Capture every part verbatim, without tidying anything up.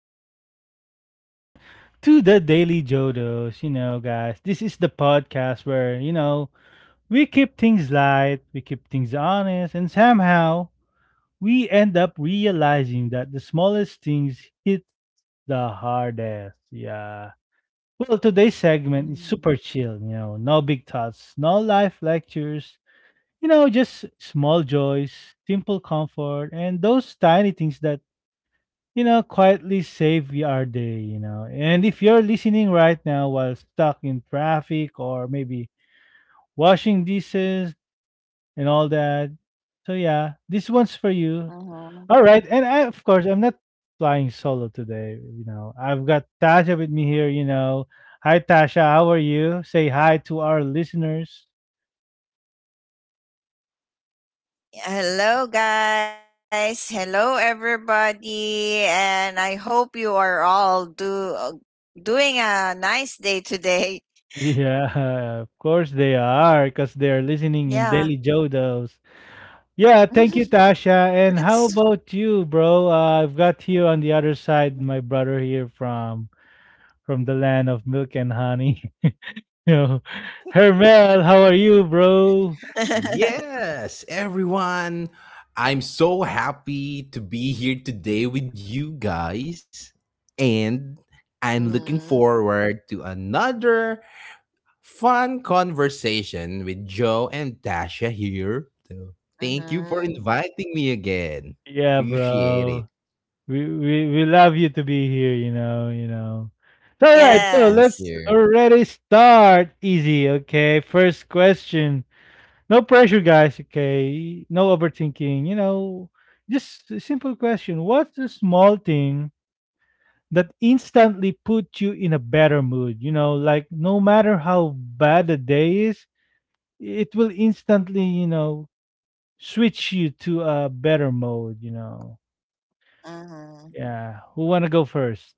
Welcome back again to the Daily Jodos. You know, guys, this is the podcast where, you know, we keep things light, we keep things honest, and somehow we end up realizing that the smallest things hit the hardest. Yeah. Well, today's segment is super chill, you Mhm. know, no big thoughts, no life lectures, you know, just small joys, simple comfort, and those tiny things that you know, quietly save your day, you know. And if you're listening right now while stuck in traffic or maybe washing dishes and all that, so yeah, this one's for you. All right, and I, Uh-huh. of course, I'm not flying solo today, you know. I've got Tasha with me here, you know. Hi, Tasha, how are you? Say hi to our listeners. Hello, guys. Hello, everybody. And I hope you are all do uh, doing a nice day today. Yeah, of course they are, because they're listening Yeah. in Daily Jodos. Yeah, thank you, Tasha. And Let's. how about you, bro? Uh, I've got here on the other side my brother here from from the land of milk and honey. you know, Hermel, how are you, bro? Yes, everyone. I'm so happy to be here today with you guys. And I'm looking Mhm. forward to another fun conversation with Joe and Tasha here. So thank you for Mhm. inviting me again. Yeah, Appreciate bro. it. We we we love you to be here. You know, you know. So, all right, so Thank let's you. Yes. already start easy. Okay, first question. No pressure, guys. Okay, no overthinking. You know, just a simple question. What's the small thing that instantly put you in a better mood, you know like no matter how bad the day is, it will instantly, you know switch you to a better mode you know Yeah, Uh-huh. who want to go first?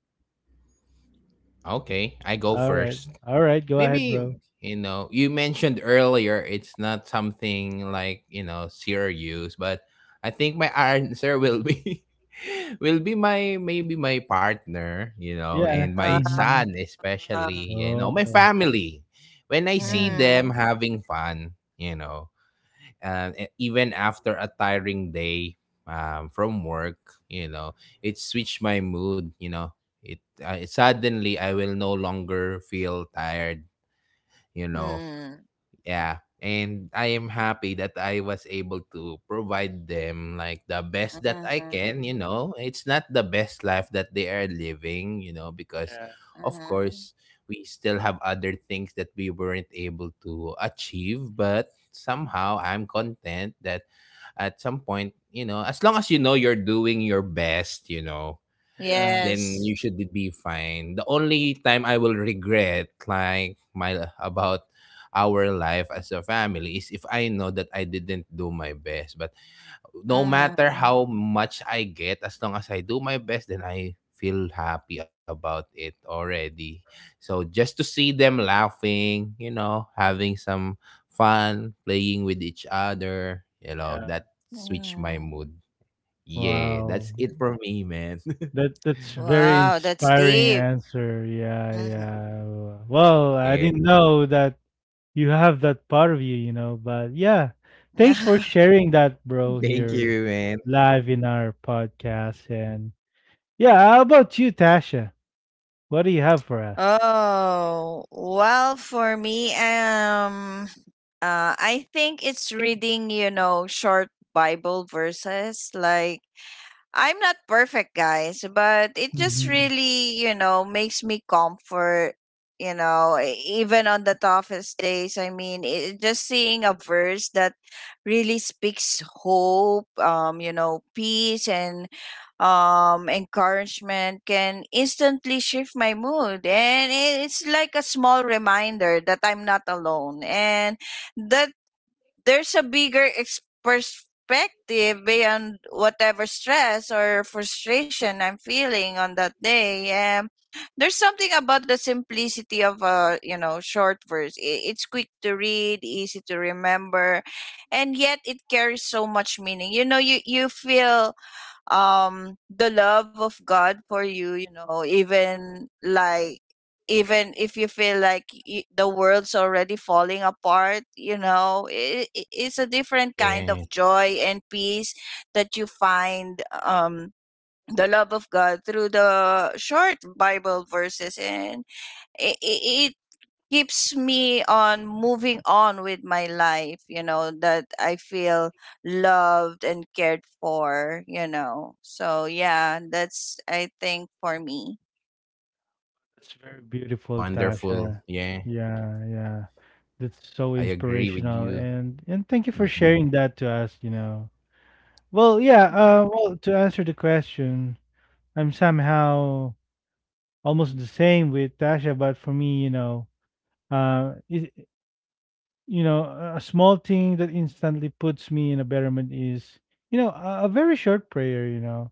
Okay, I go All right, first. all right, go ahead, Maybe mm, bro. you know, you mentioned earlier it's not something like, you know, serious, but I think my answer will be will be my, maybe my partner, you know, Yeah. and my Hmm. Uh, son, especially, you know, my Oh. family. When I see Yeah. them having mm. fun, you know, and even after a tiring day, um, from work, you know, it switched my mood, you know. It uh, suddenly, I will no longer feel tired, you know. Mhm. Yeah, and I am happy that I was able to provide them like the best that I can, you Mhm. know. It's not the best life that they are living, you know, because Yeah. of course Mhm. we still have other things that we weren't able to achieve, but somehow I'm content that at some point, you know, as long as, you know, you're doing your best, you know, Yeah. then you should Yes. be fine. The only time I will regret like my about our life as a family is if I know that I didn't do my best. But no matter how Mhm. much I get, as long as I do my best, then I feel happy about it already. So just to see them laughing, you know, having some fun, playing with each other, you know, Yeah. that switch my Mhm. mood. Yeah, Wow, that's it for me, man. that that's very Wow, that's inspiring deep. answer. Yeah, Mm-hmm. yeah. Well, I Yeah. didn't know that. You have that part of you, you know. But yeah, thanks for sharing that, bro, Thank here you, man. live in our podcast. And yeah, how about you, Tasha? What do you have for us? Oh, well, for me, um, uh, I think it's reading, you know, short Bible verses, like I'm not perfect, guys, but it just Mm-hmm. really, you know, makes me comfort, you know, e- even on the toughest days. I mean, it, just seeing a verse that really speaks hope, um, you know, peace and um encouragement can instantly shift my mood, and it- it's like a small reminder that I'm not alone and that there's a bigger ex- perspective beyond whatever stress or frustration I'm feeling on that day. Um, there's something about the simplicity of a, you know, short verse. I- It's quick to read, easy to remember, and yet it carries so much meaning. You know, you you feel um the love of God for you, you know, even like, even if you feel like y- the world's already falling apart, you know, it, it's a different kind of Yeah, joy and peace that you find, um the love of God through the short Bible verses, and it, keeps me on moving on with my life, you know, that I feel loved and cared for, you know. So yeah, that's, I think, for me. That's very beautiful, wonderful. Tasha. Yeah, Yeah, yeah. That's so I agree with inspirational. you. And and thank you for Mm-mm. sharing that to us, you know. Well, yeah, uh, Mm-hmm. well, to answer the question, I'm somehow almost the same with Tasha, but for me, you know, uh, it, you know, a a small thing that instantly puts me in a betterment is, you know, a, a very short prayer, you know,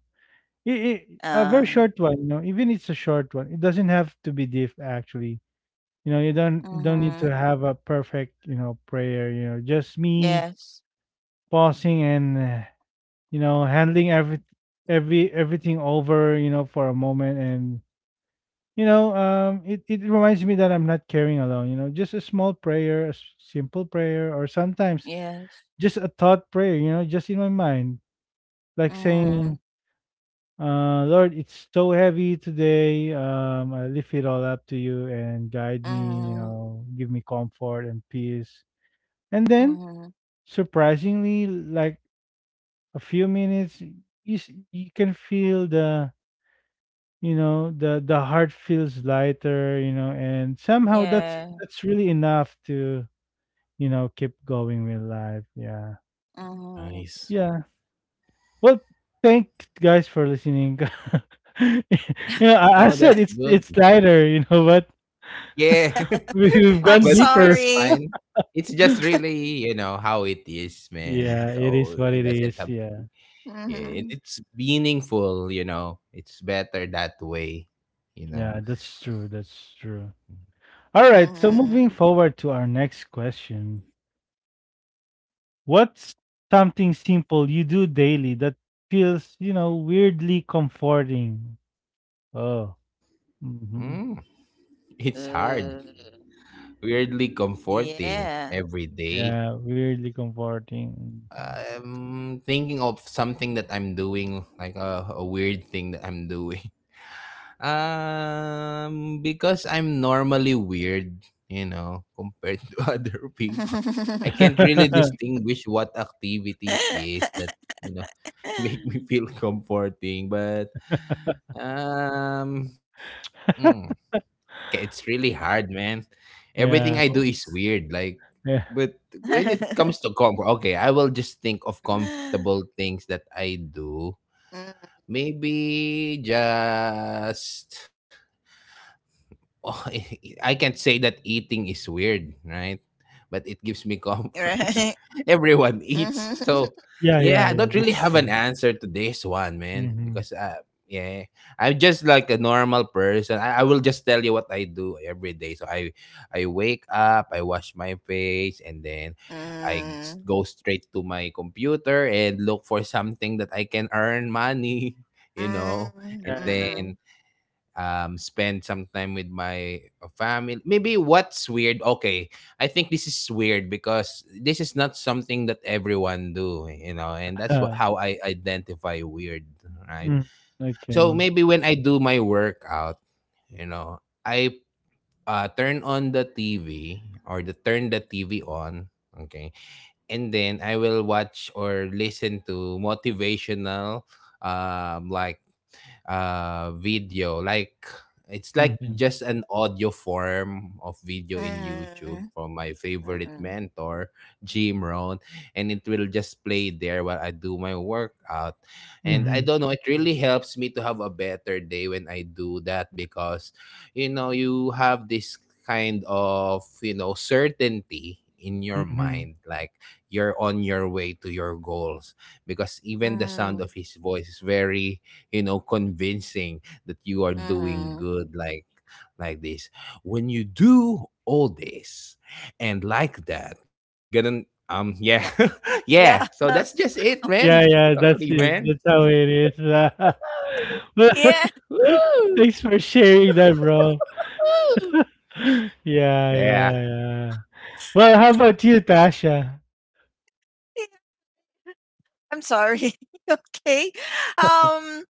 it it a uh very short one, you know, even it's a short one. It doesn't have to be deep, actually. You know, you don't don't need to mm-hmm. have a perfect, you know, prayer. You know, just me Yes, pausing and uh, you know handling every every everything over, you know, for a moment, and you know, um, it it reminds me that I'm not carrying alone. You know, just a small prayer, a s- simple prayer, or sometimes yes. just a thought prayer, you know, just in my mind, like saying, Mm-hmm. uh, Lord, it's so heavy today. Um, I lift it all up to you and guide me, you Mm-hmm. know, give me comfort and peace. And then, Mm-hmm. surprisingly, like a few minutes, you, s- you can feel the you know the the heart feels lighter, you know and somehow that's Yeah. that's really enough to you know keep going with life. Yeah, Mm-hmm. Nice. yeah. Well, thank guys for listening. you know, I, I No, that's said it's good. it's lighter, you know, but Yeah, we- we've I'm gone but it's deeper. sorry. fine. It's just really, you know, how it is, man. Yeah, it is So what it it doesn't Mm-hmm. is. have. Yeah, Yeah, it- it's meaningful, you know. It's better that way, you know. yeah, that's true. That's true. Mm-hmm. All right. So moving forward to our next question, what's something simple you do daily that feels, you know, weirdly comforting? Oh. Hmm. Mm, it's Uh, hard, weirdly yeah. comforting every day. Yeah, weirdly comforting. I'm thinking of something that I'm doing, like a, a weird thing that I'm doing. Um, because I'm normally weird, you know, compared to other people. I can't really Yeah. distinguish what activity it is that, you know, make me feel comforting. But um, mm, it's really hard, man. Everything I Yeah. do is weird. Like, but when it comes to comfort, okay, I will just think of comfortable things that I do. Mm, Maybe just. I can't say that eating is weird, right? But it gives me comfort. right. Everyone eats. Mhm. So, Yeah, yeah, yeah, I yeah, don't really that's have an true. answer to this one, man, Mhm. because uh, yeah, I'm just like a normal person. I, I will just tell you what I do every day. So I I wake up, I wash my face, and then I s- Mm, go straight to my computer and look for something that I can earn money, you know. mm, And Yeah, yeah. mm-mm, then, um, spend some time with my uh, family. Maybe what's weird? Okay, I think this is weird because this is not something that everyone do, you know, and that's what uh how I identify weird, right? Mm, So okay. maybe when I do my workout, you know, I uh, turn on the TV, or the turn the TV on. Okay, and then I will watch or listen to motivational, um, like uh video. Like, it's like Mhm, just an audio form of video in YouTube mm, from my favorite mm-mm, mentor, Jim Rohn, and it will just play there while I do my workout. And I mhm, don't know, it really helps me to have a better day when I do that because, you know, you have this kind of, you know, certainty in your mhm. mind, like you're on your way to your goals. Because even the sound mm, of his voice is very, you know, convincing that you are doing mm. good, like like this, when you do all this, and like that gonna, um yeah. Yeah. Yeah, so Yeah. that's just it, man. Yeah, yeah, Sorry, that's man. it. That's how it is. But Yeah. Woo! thanks for sharing that, bro. Woo! Yeah, yeah, Yeah, yeah. Well, how about you, Tasha? I'm sorry. Okay. Um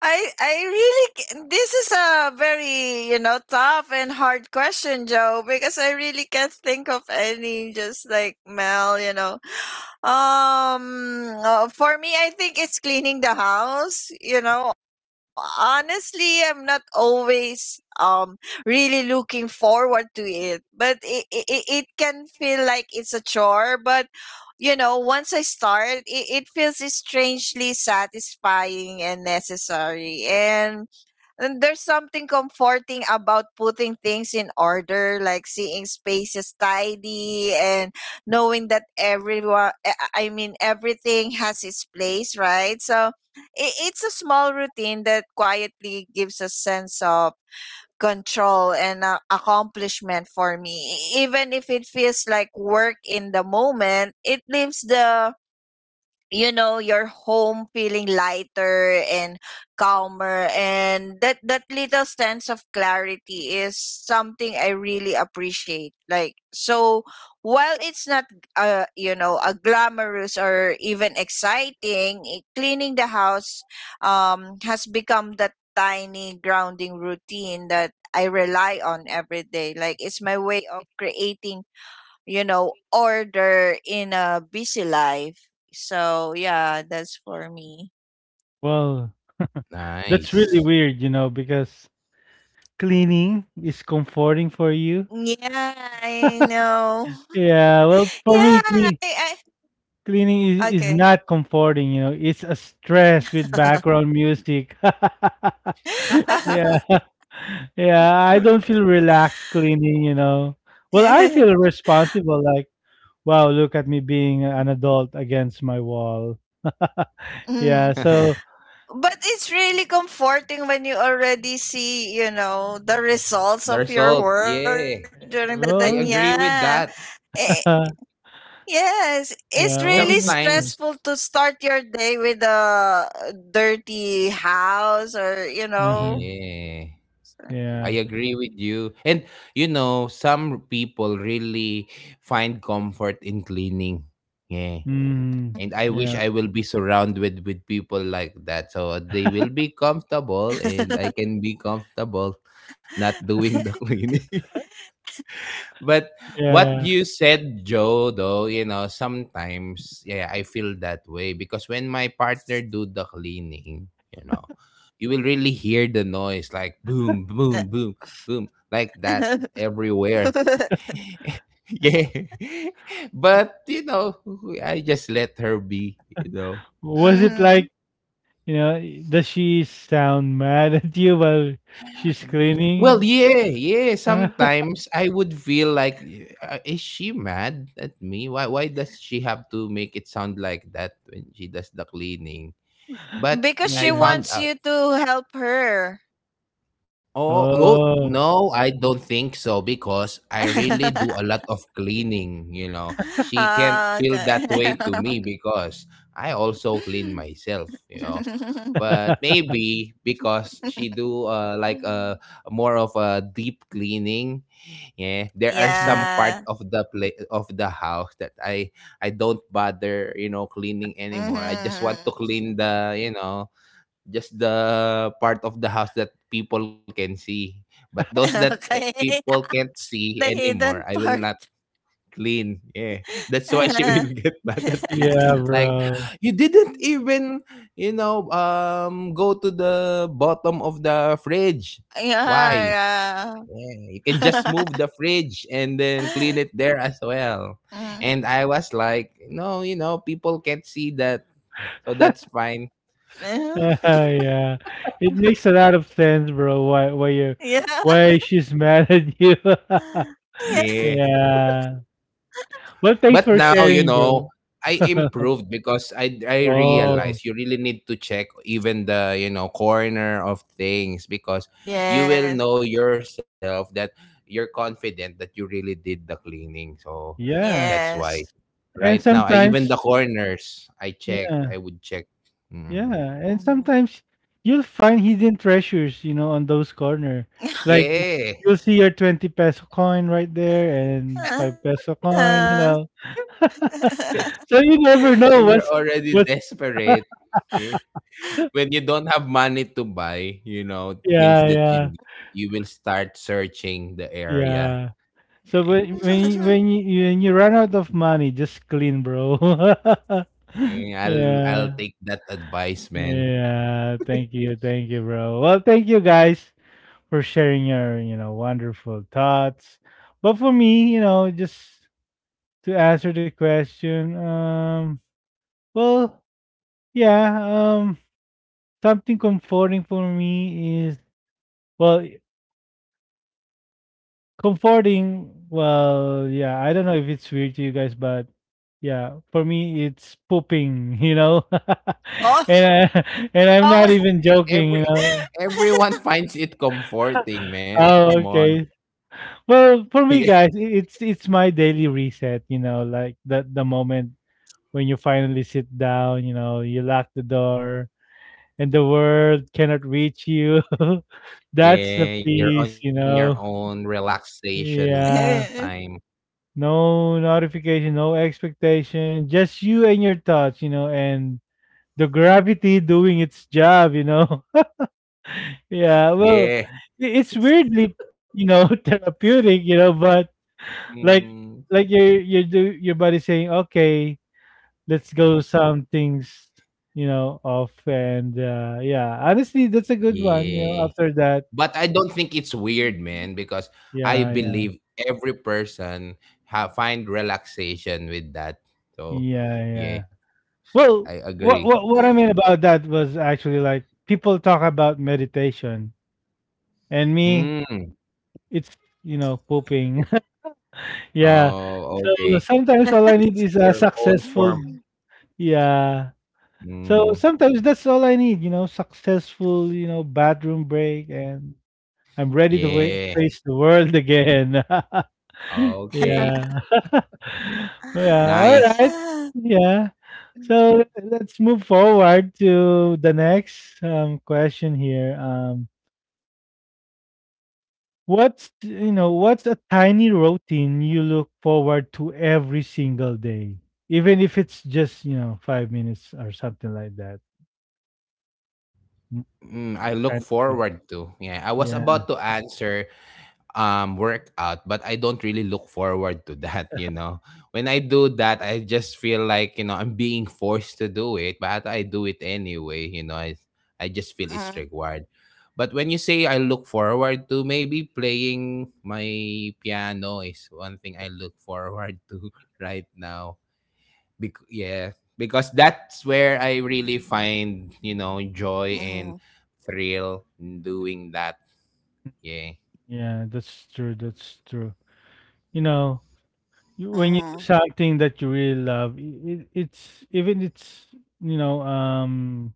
I I really ca- this is a very, you know, tough and hard question, Joe, because I really can't think of any, just like Mel, you know. Um, uh, for me, I think it's cleaning the house. You know, honestly, I'm not always um really looking forward to it, but it it, it it can feel like it's a chore. But, you know, once I start, it, it feels strangely satisfying and necessary. And and there's something comforting about putting things in order, like seeing spaces tidy and knowing that everyone eh, I I mean, everything has its place, right? So i- it's a small routine that quietly gives a sense of control and uh, accomplishment for me. E- even if it feels like work in the moment, it leaves the, you know, your home feeling lighter and calmer, and that that little sense of clarity is something I really appreciate, like. So while it's not uh you know, a glamorous or even exciting, i- cleaning the house um has become that tiny grounding routine that I rely on every day, like it's my way of creating, you know, order in a busy life. So yeah, that's for me. Well, that's really nice. weird, you know, because cleaning is comforting for you. Yeah, I know. Yeah, well, for Yeah, me, clean I, cleaning I is, is okay. not comforting, you know. It's a stress with background music. Yeah. Yeah, I don't feel relaxed cleaning, you know. Well, I feel responsible like, wow, look at me being an adult against my wall. Mhm. Yeah, The so But it's really comforting when you already see, you know, the results of your result, work yeah. during the day. I well, Yeah. agree with that. Eh, yes. It's really yeah, well, it makes stressful sense. Sometimes, to start your day with a dirty house, or, you know. Uh-huh. yeah, Yeah. I agree with you. And you know, some people really find comfort in cleaning. Yeah. Mm, And I wish yeah. I will be surrounded with with people like that. So they will be comfortable and I can be comfortable not doing the cleaning. But what Yeah. you said, Joe, though, you know, sometimes, yeah, I feel that way because when my partner do the cleaning, you know, you will really hear the noise like boom, So. boom, boom, boom, like that everywhere. Yeah. But, you know, I just let her be, you know. Was it Hmm. like You know, does she sound mad at you while she's Well, cleaning? yeah, yeah. Sometimes I would feel like, uh, is she mad at me? Why, why does she have to make it sound like that when she does the cleaning? But Because she I Yeah. found wants out. you to help her. Oh, no, Oh. no, I don't think so because I really do a lot of cleaning. You know, she can't Ah, feel okay. that way to me because I also clean myself. You know, but maybe because she do uh, like a more of a deep cleaning. Yeah, there are Oh, some part Yeah. of the play of the house that I I don't bother, you know, cleaning anymore. I just Hmm. want to clean the, you know, just the part of the house that people can see. But those that, uh, Okay. people can't see The anymore, hidden I will not part. clean. Yeah. That's why she will get mad at me. yeah, Like, bro. you didn't even, you know, um, go to the bottom of the fridge. Why? Yeah. Yeah. Yeah, you can just move the fridge and then clean it there as well. Mm. And I was like, no, you know, people can't see that, so that's fine. Yeah. It makes a lot of sense, bro, why why you Yeah. why Yeah. she's mad at you. Yeah. Yeah. Yeah. Well, thanks But for now, you sharing, know, I bro. improved because I I Oh, realized you really need to check even the, you know, corner of things because you will Yes. know yourself that you're confident that you really did the cleaning. So yeah. that's why Yes. And right now I even sometimes the corners I check, yeah. I would check. Yeah, Mm. and Mhm. sometimes you'll find hidden treasures, you know, on those corner. Like y- Yeah. you'll see your twenty peso coin right there and five peso Uh-huh. coin, you know. So you never know When you're what's already what's desperate, yeah, when you don't have money to buy, you know, things Yeah, that you yeah, need, you will start searching the area. yeah. So Eh, when when you- when you when you run out of money, just clean, bro. eh, I'll I'll Yeah. take that advice, man. Yeah. Thank you. Thank you, bro. Well, thank you guys for sharing your, you know, wonderful thoughts. But for me, you know, just to answer the question, um, well, yeah, um, something comforting for me is, well, comforting, well, yeah, I don't know if it's weird to you guys, but yeah, for me, it's pooping, you know, Oh, and I, and I'm oh. not even joking, you Every know. everyone finds it comforting, man. Oh, Come on. okay. Well, for me, Yeah. guys, i- it's it's my daily reset. You know, like the the moment when you finally sit down, you know, you lock the door and the world cannot reach you. That's the Yeah, you're on peace, your you own know. relaxation Yeah. time. No notification, no expectation, just you and your thoughts, you know, and the gravity doing its job, you know. Yeah, well, Yeah. i- it's It's weirdly, you know, therapeutic, you know, but like mm, like your your do your body saying, "Okay, let's go some things you know off, and uh yeah, honestly that's a good one you know yeah. after that." But I don't think it's Mhm, weird, mhm, man, because I Yeah. Yeah. believe every person have find relaxation with that. So, Yeah. yeah, Yeah. Well, I what agree. what what I mean about that was actually like people talk about meditation, and me Mm. it's you know pooping. Yeah, Oh, so okay. sometimes all I need It's is a your own form. successful, yeah, so Mm. sometimes that's all I need, you know successful, you know bathroom break, and I'm ready to wa- Yeah. face the world again. mhm. Okay. Yeah. Yeah, Nice. alright. Yeah. So let's move forward to the next, um, question here. Um, what's, you know, what's a tiny routine you look forward to every single day? Even if it's just, you know, five minutes or something like that. Mm, Mm, I look kind of treat. forward to. Yeah, I was Yeah. about to answer, um workout, but I don't really look forward to that, you know. When I do that, I just feel like, you know, I'm being forced to do it, but I do it anyway, you know. i, I just feel it's required. But when you say I look forward to, maybe playing my piano is one thing I look forward to right now. Bec- yeah, because that's where I really find, you know, joy and thrill in doing that, yeah. Yeah, that's true. That's true. You know, you- when you do something that you really love, it, it's even it's you know um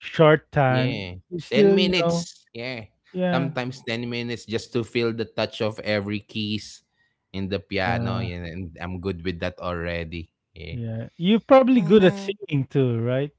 short time. Yeah. You ten still you know minutes. Yeah. yeah, Sometimes ten minutes just to feel the touch of every keys in the piano. yeah, Yeah, and I'm good with that already. Yeah. yeah. You're probably good at singing too, right?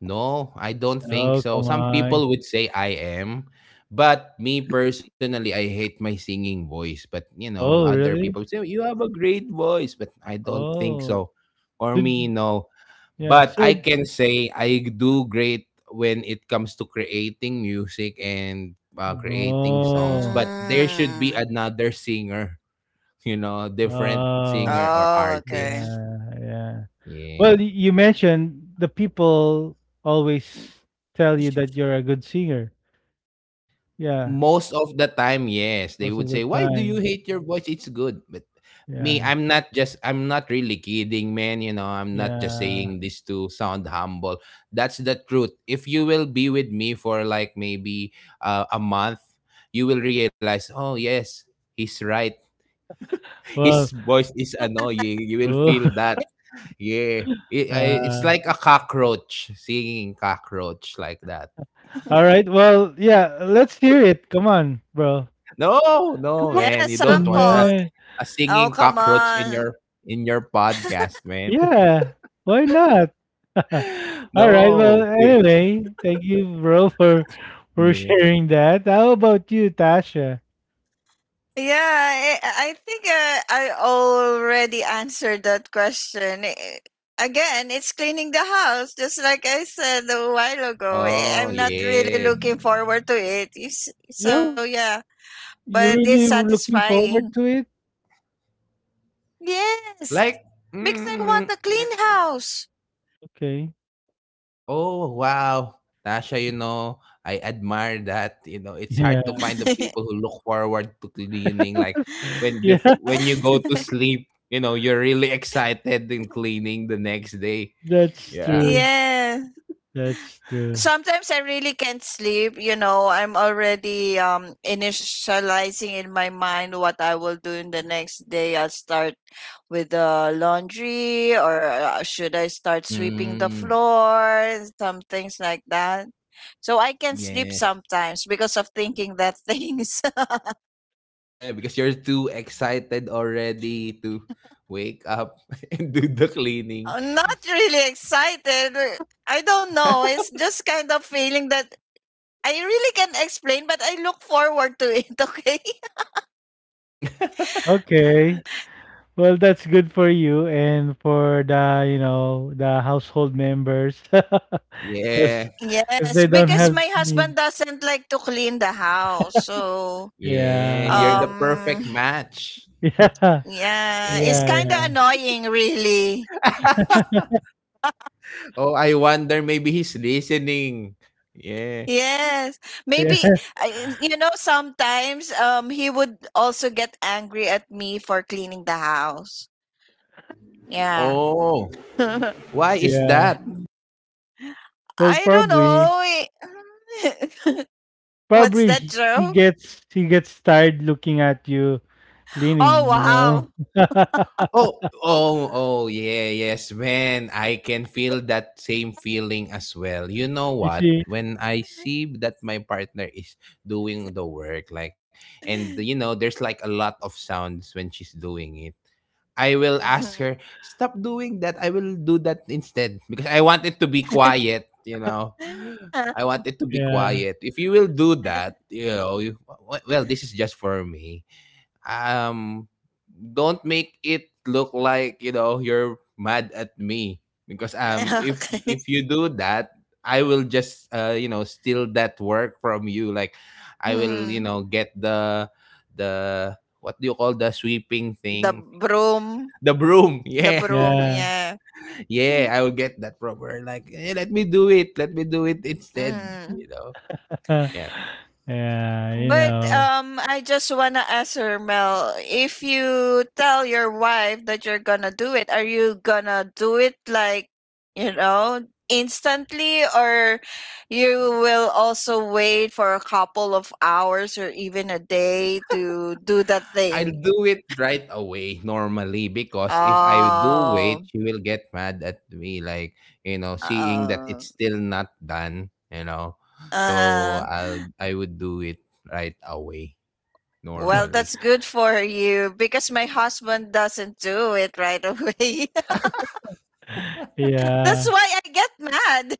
No, I don't think Oh, so. come Some on! people would say I am, but me personally, I hate my singing voice. But you know, Oh, other people really? say you have a great voice, but I don't think Oh so. For me, did, no. yeah. But So, I can say I do great when it comes to creating music and, uh, creating songs. oh, But there Mm. should be another singer, you know, different oh, singer or Oh, okay. artist. yeah, yeah. Yeah. Well, y- you mentioned the people always Mm. tell you that you're a good singer. Yeah, Most of the time, yes, they would most say, of the "Why do you time. hate your voice? It's good." But me, Yeah, i'm not just i'm not really kidding, man. You know, I'm not just yeah. saying this to sound humble. That's the truth. If you will be with me for like maybe uh, a month, you will realize, oh yes, he's right. His Well, voice is annoying. You will feel oh, that, yeah. It, uh, I, it's like a cockroach singing, cockroach like that. all right. Well, yeah, let's hear it. Come on, bro. No no Come man, you Yeah, don't on, want a, sample. man. a singing Oh, come cockroach in on. your in your podcast, man. Yeah, why not? All right. Well, No. anyway, thank you, bro, for for Yeah. sharing that. How about you, Tasha? Yeah, I, I think uh, I already answered that question. Eh, Again, it's cleaning the house, just like I said a while ago. Eh, Oh, I'm not really yeah. looking forward to it. It's, Yeah, So, yeah, you but it's really were looking forward satisfying. to it? Yes, Like, because I mm, want a clean house. Okay. oh, wow. Tasha, you know, I admire that. You know, it's hard to Yeah. find the people who look forward to cleaning. Like, when Yeah, bef- when you go to sleep, you know, you're really excited in cleaning the next day. that's Yeah. true. Yeah. That's true. Sometimes I really can't sleep. You know, I'm already um initializing in my mind what I will do in the next day. I'll start with the laundry, or uh, should I start sweeping the Mm, floor? Some things like that. So I can sleep yeah. sometimes because of thinking that things. Yeah, because you're too excited already to wake up and do the cleaning. I'm not really excited. uh, I don't know. It's just kind of feeling that I really can't explain, but I look forward to it. Okay. Okay. Well, that's good for you and for the, you know, the household members. Because Yeah. cause Yes, they don't because have my husband need. doesn't like to clean the house. So, Yeah. You're Yeah, the perfect um, match. yeah. yeah, Yeah. it's Yeah. Yeah, kind of yeah. annoying, really. Oh, I wonder maybe he's listening. Yeah. Yes. Yeah, Maybe, I- you know, sometimes um, he would also get angry at me for cleaning the house. Yeah. Oh, why is yeah. that? Well, I don't probably know. What's probably that he he joke? gets he gets tired looking at you Oh, cleaning, you know. wow. Oh, oh, oh, yeah, yes, man. I can feel that same feeling as well. You know You what? see? When I see that my partner is doing the work, like, and you know, there's like a lot of sounds when she's doing it. I will ask Mhm. her, "Stop doing that. I will do that instead." Because I want it to be quiet, you know. I want it to be Yeah. quiet. If you will do that, you know, you, w- well, this is just for me. Um don't make it look like, you know, you're mad at me because um if Okay. if you do that, I will just uh you know, steal that work from you like I will, you know, get the the what do you call the sweeping The thing, broom. the broom. The Yeah. broom, Yeah. yeah. Yeah, I will get that from her. Like, eh, let me do it. Let me do it instead. You Mm. know? Yeah. yeah, you But know. um, I just wanna ask her, Mel, if you tell your wife that you're gonna do it, are you gonna do it like, you know, instantly, or you will also wait for a couple of hours or even a day to do that I'll thing? do it right away normally because if I do wait, Oh, she will get mad at me. Like, you know, seeing that uh, it's still not done, you know? So uh-huh. I'll, I would do it right away Well, normally. that's good for you because my husband doesn't do it right away. That's Yeah, why I get mad.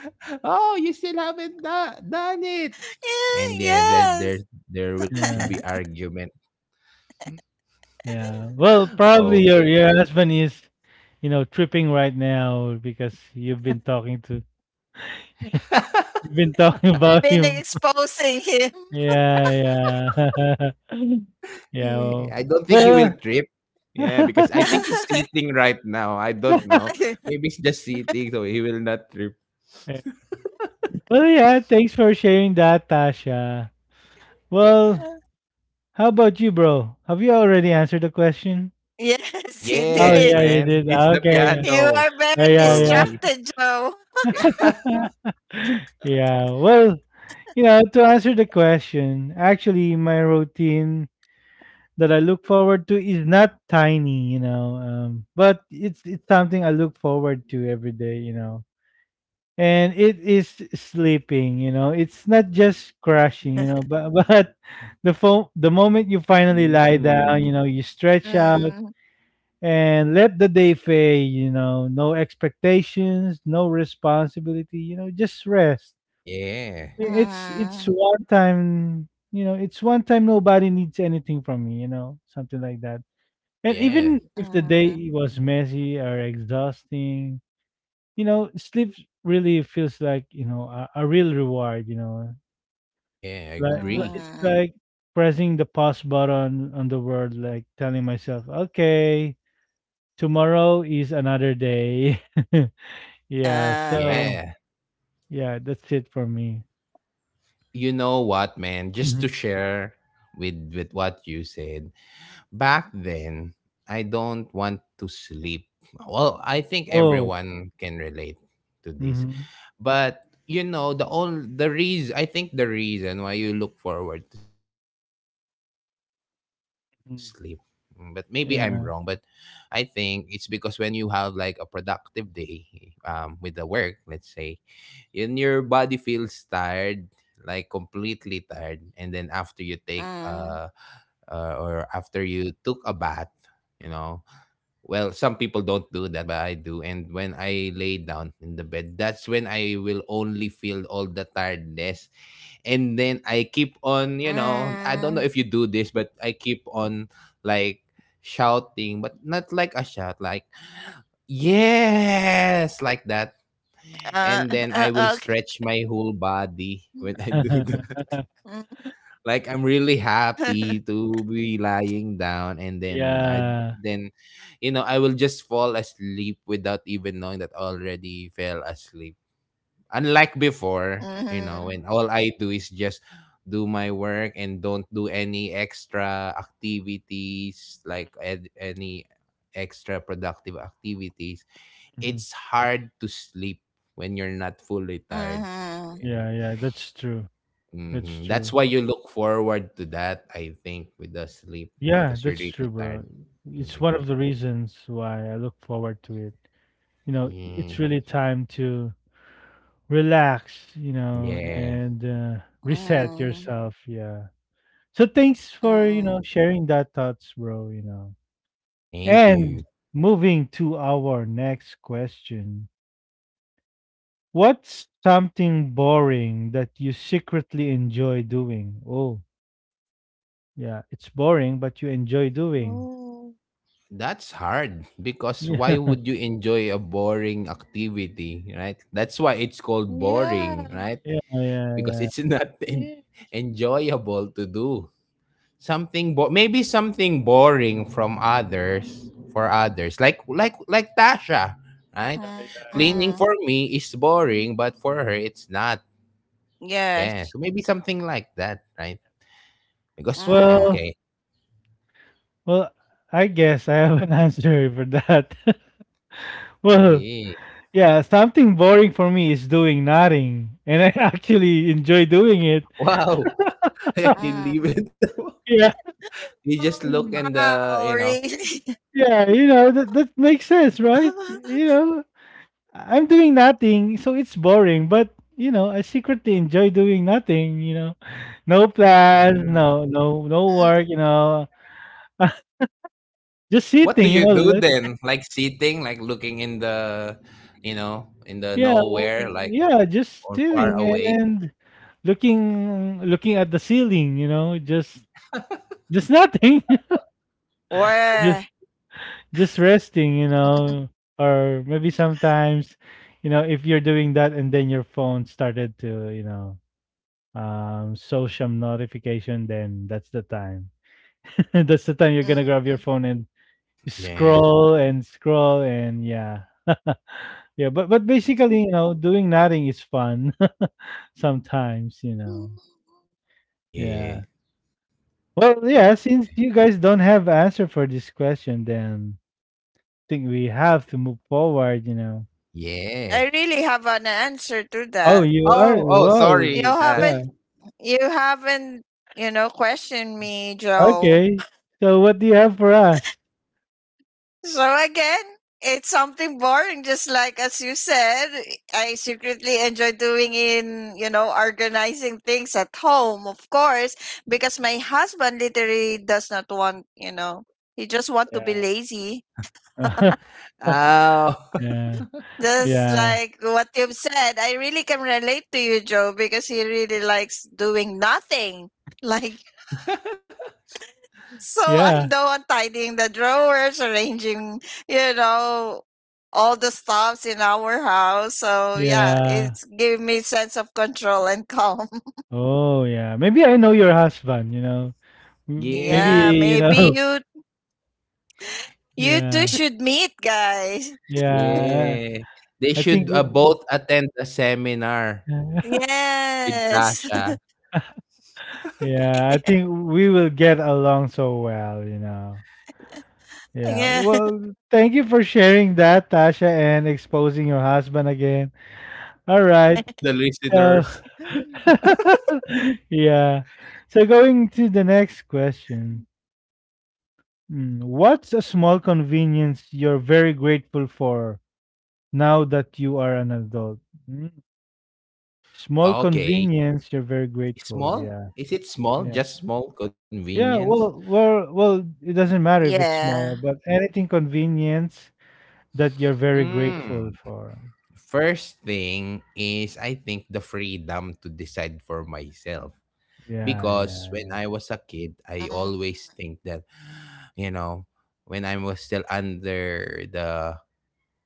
Oh, you still haven't do- done it. And yeah, there, there, Yes. there will be yeah, argument. yeah. Well, probably Okay. your your husband is, you know, tripping right now because you've been talking to you've been talking I've about been him. exposing him. Yeah, yeah. Yeah. Yeah, I Well, don't think he will trip. well, Yeah, because I think he's sitting right now. I don't know. Maybe he's just sitting, so he will not trip. yeah. Well, yeah, thanks for sharing that, Tasha. Well, how about you, bro? Have you already answered the question? Yes, he Oh, Yes, yeah, you did. man. did. It's the Okay. You piano are very for Yeah, yeah. me. distracted, Joe. Yeah. Yeah. Well, yeah, to answer the question, actually, my routine that I look forward to is not tiny, you know, um, but it's it's something I look forward to every day, you know, and it is sleeping, you know. It's not just crashing, you know, but but the fo- the moment you finally lie Mm. down, you know, you stretch out Mm. and let the day fade, you know, no expectations, no responsibility, you know, just rest. Yeah. it's Uh-huh, it's one time, you know, it's one time nobody needs anything from me, you know, something like that. And Yeah. even if the uh-huh, day was messy or exhausting, you know, sleep really feels like, you know, a, a real reward, you know. Yeah, I Like li- agree. it's uh-huh. like pressing the pause button on the world, like telling myself, okay, tomorrow is another day. Yeah, so Right. Yeah. yeah, that's it for me. You know what, man? Just to Mhm. share with with what you said. Back then, I don't want to sleep. Well, I think Oh, everyone can relate to this. mm-hmm. But you know, the only the reason I think the reason why you look forward to sleep, mm, but maybe I'm wrong, but I Mm-hmm. think it's because when you Yeah. have like a productive day um with the work, let's say, and your body feels tired, like completely tired, and then after you take uh, Uh, uh or after you took a bath, you know, well, some people don't do that, but I do. And when I lay down in the bed, that's when I will only feel all the tiredness. And then I keep on, you know, I don't uh, know if you do this, but I keep on like shouting, but not like a shout, like, yes, like that. Uh, And then I will uh, okay. stretch my whole body when I do Mm, that. Like I'm really happy to be lying down and then I Yeah. then you know I will just fall asleep without even knowing that I already fell asleep. Unlike before, you mhm, know, when all I do is just do my work and don't do any extra activities like ed- any extra productive activities. Mhm. It's hard to sleep when you're not fully tired. uh-huh. Yeah. Yeah, yeah, that's true. That's Hmm. That's true. why you look forward to that, I think, with the sleep Yeah, because you're that's really true, bro. tired. It's one Hmm. of the reasons why I look forward to it. You know, Yeah. it's really time to relax, you know, Yeah. and uh, Hmm. reset Huh. Hmm. yourself. Yeah. So thanks uh for, you know, uh sharing that thoughts, bro, you know. Thank And you. moving to our next question. What's something boring that you secretly enjoy doing? Oh. Yeah, it's boring, but you enjoy doing. Oh, That's hard because why would you enjoy a boring activity, right? That's why it's called yeah. boring, right? Yeah, yeah, Because yeah, it's not Yeah. en- enjoyable to do. Something bo- maybe something boring from others, for others, like like like Tasha, Uh, right? yeah, yeah, yeah. Cleaning for me is boring but for her Yes. it's not. Yeah. So maybe something like that, uh, right? Because yeah, Well, okay. well, I guess I have an answer for that. Well, Yeah. yeah, something boring for me is doing nothing, and I actually enjoy doing it. uh, Wow. I can leave it. Oh, Yeah, You wow. just look in Really? the, you know yeah, you know that that makes sense, right? You know, I'm doing nothing, so it's boring, but you know, I secretly enjoy doing nothing. You know, no plans, mm. Mm. no, no, no work. You know. Just what do sitting, you you know, do let then, like sitting, like looking in the you know in the yeah, nowhere, like, yeah, just or far sitting away? and looking looking at the ceiling, you know, just just nothing. Wow. Just just resting, you know, or maybe sometimes, you know, if you're doing that and then your phone started to, you know, um social notification, then that's the time. That's the time you're gonna grab your phone and Yeah, scroll and scroll and yeah. Yeah, but but basically, you know, doing nothing is fun sometimes, you Mm. know. Yeah. yeah, Well, but yeah, since you guys don't have answer for this question, then I think we have to move forward, you know. yeah. I really have an answer to Oh, that. you are? Oh, oh, Well, You sorry, Dash. haven't yeah. you haven't, you know, questioned me, Joe. Okay. So what do you have for us? So again, it's something boring, just like as you said, I secretly enjoy doing in, you know, organizing things at home, of course, because my husband literally does not want, you know, he just want to be Yeah. lazy. Oh, Yeah. Just Yeah. like what you've said, I really can relate to you, Joe, because he really likes doing nothing. Like. So Yeah. I'm the one tidying the drawers, arranging, you know, all the stuffs in our house. So yeah, Yeah. it's give me sense of control and calm. Oh, yeah. Maybe I know your husband, you know. M maybe, Yeah, yeah, you maybe know, you you two yeah, should meet, guys. yeah, yeah. They I think should, we uh, both attend a seminar with Yes. Dasha. yeah, I think we will get along so well, you know. Yeah. Yeah, well, thank you for sharing that, Tasha, and exposing your husband again. All right, To the so listeners. yeah. So going to the next question. Mm, what's a small convenience you're very grateful for now that you are an adult? Hmm, small Okay. convenience, you're very grateful. Small? Yeah. Is it small? Yeah. Just small Yeah. convenience? Well, well, well, it Yeah. doesn't matter if it's small, but anything convenience that you're very Mm. grateful for. First thing is, I think, the freedom to decide for myself. Yeah. Because when Yeah. I was a Mm, kid, I always think that, you know, when I was still under the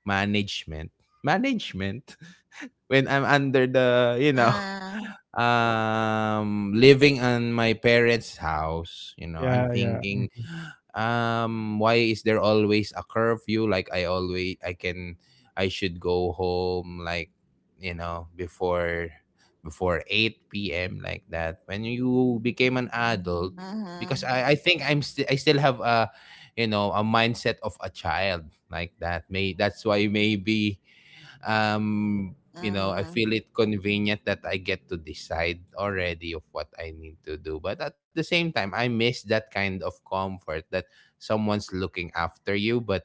management, management, when I'm under the, you know, mm, um, living on my parents' house, you know, I'm Yeah. Yeah. Yeah. thinking, Mhm. um why is there always a curfew? Like, I always I can I should go home, like, you know, before before eight p m p.m, like that. When you became an mhm, adult, because i i think i'm still I still have a, you know a mindset of a child, like that. May That's why, maybe, mhm, um you know I feel it convenient that I get to decide already of what I need to do, but at the same time I miss that kind of comfort that someone's looking after you. But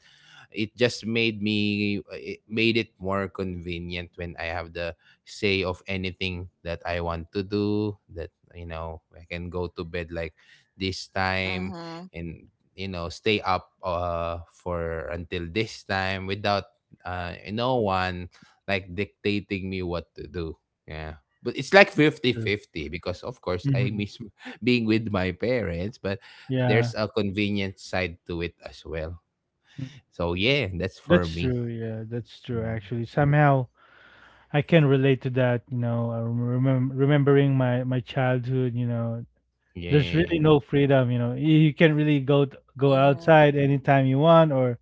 it just made me it made it more convenient when I have the say of anything that I want to do. That, you know, I can go to bed like this mhm, time and, you know, stay up, uh for until this time without, uh no one like dictating me what to do. Yeah. But it's like That's true. fifty-fifty because of course I Hmm. miss being with my parents, but mhm, there's Yeah. a convenient side to it as well. Mm, So yeah, that's for that's me. true. Yeah. That's true. Mm. Actually, somehow I can relate to that. You know, I remem- remembering my, my childhood, you know, there's really Yeah. no freedom. You know, you, you can really mhm, go, t- go outside anytime you want or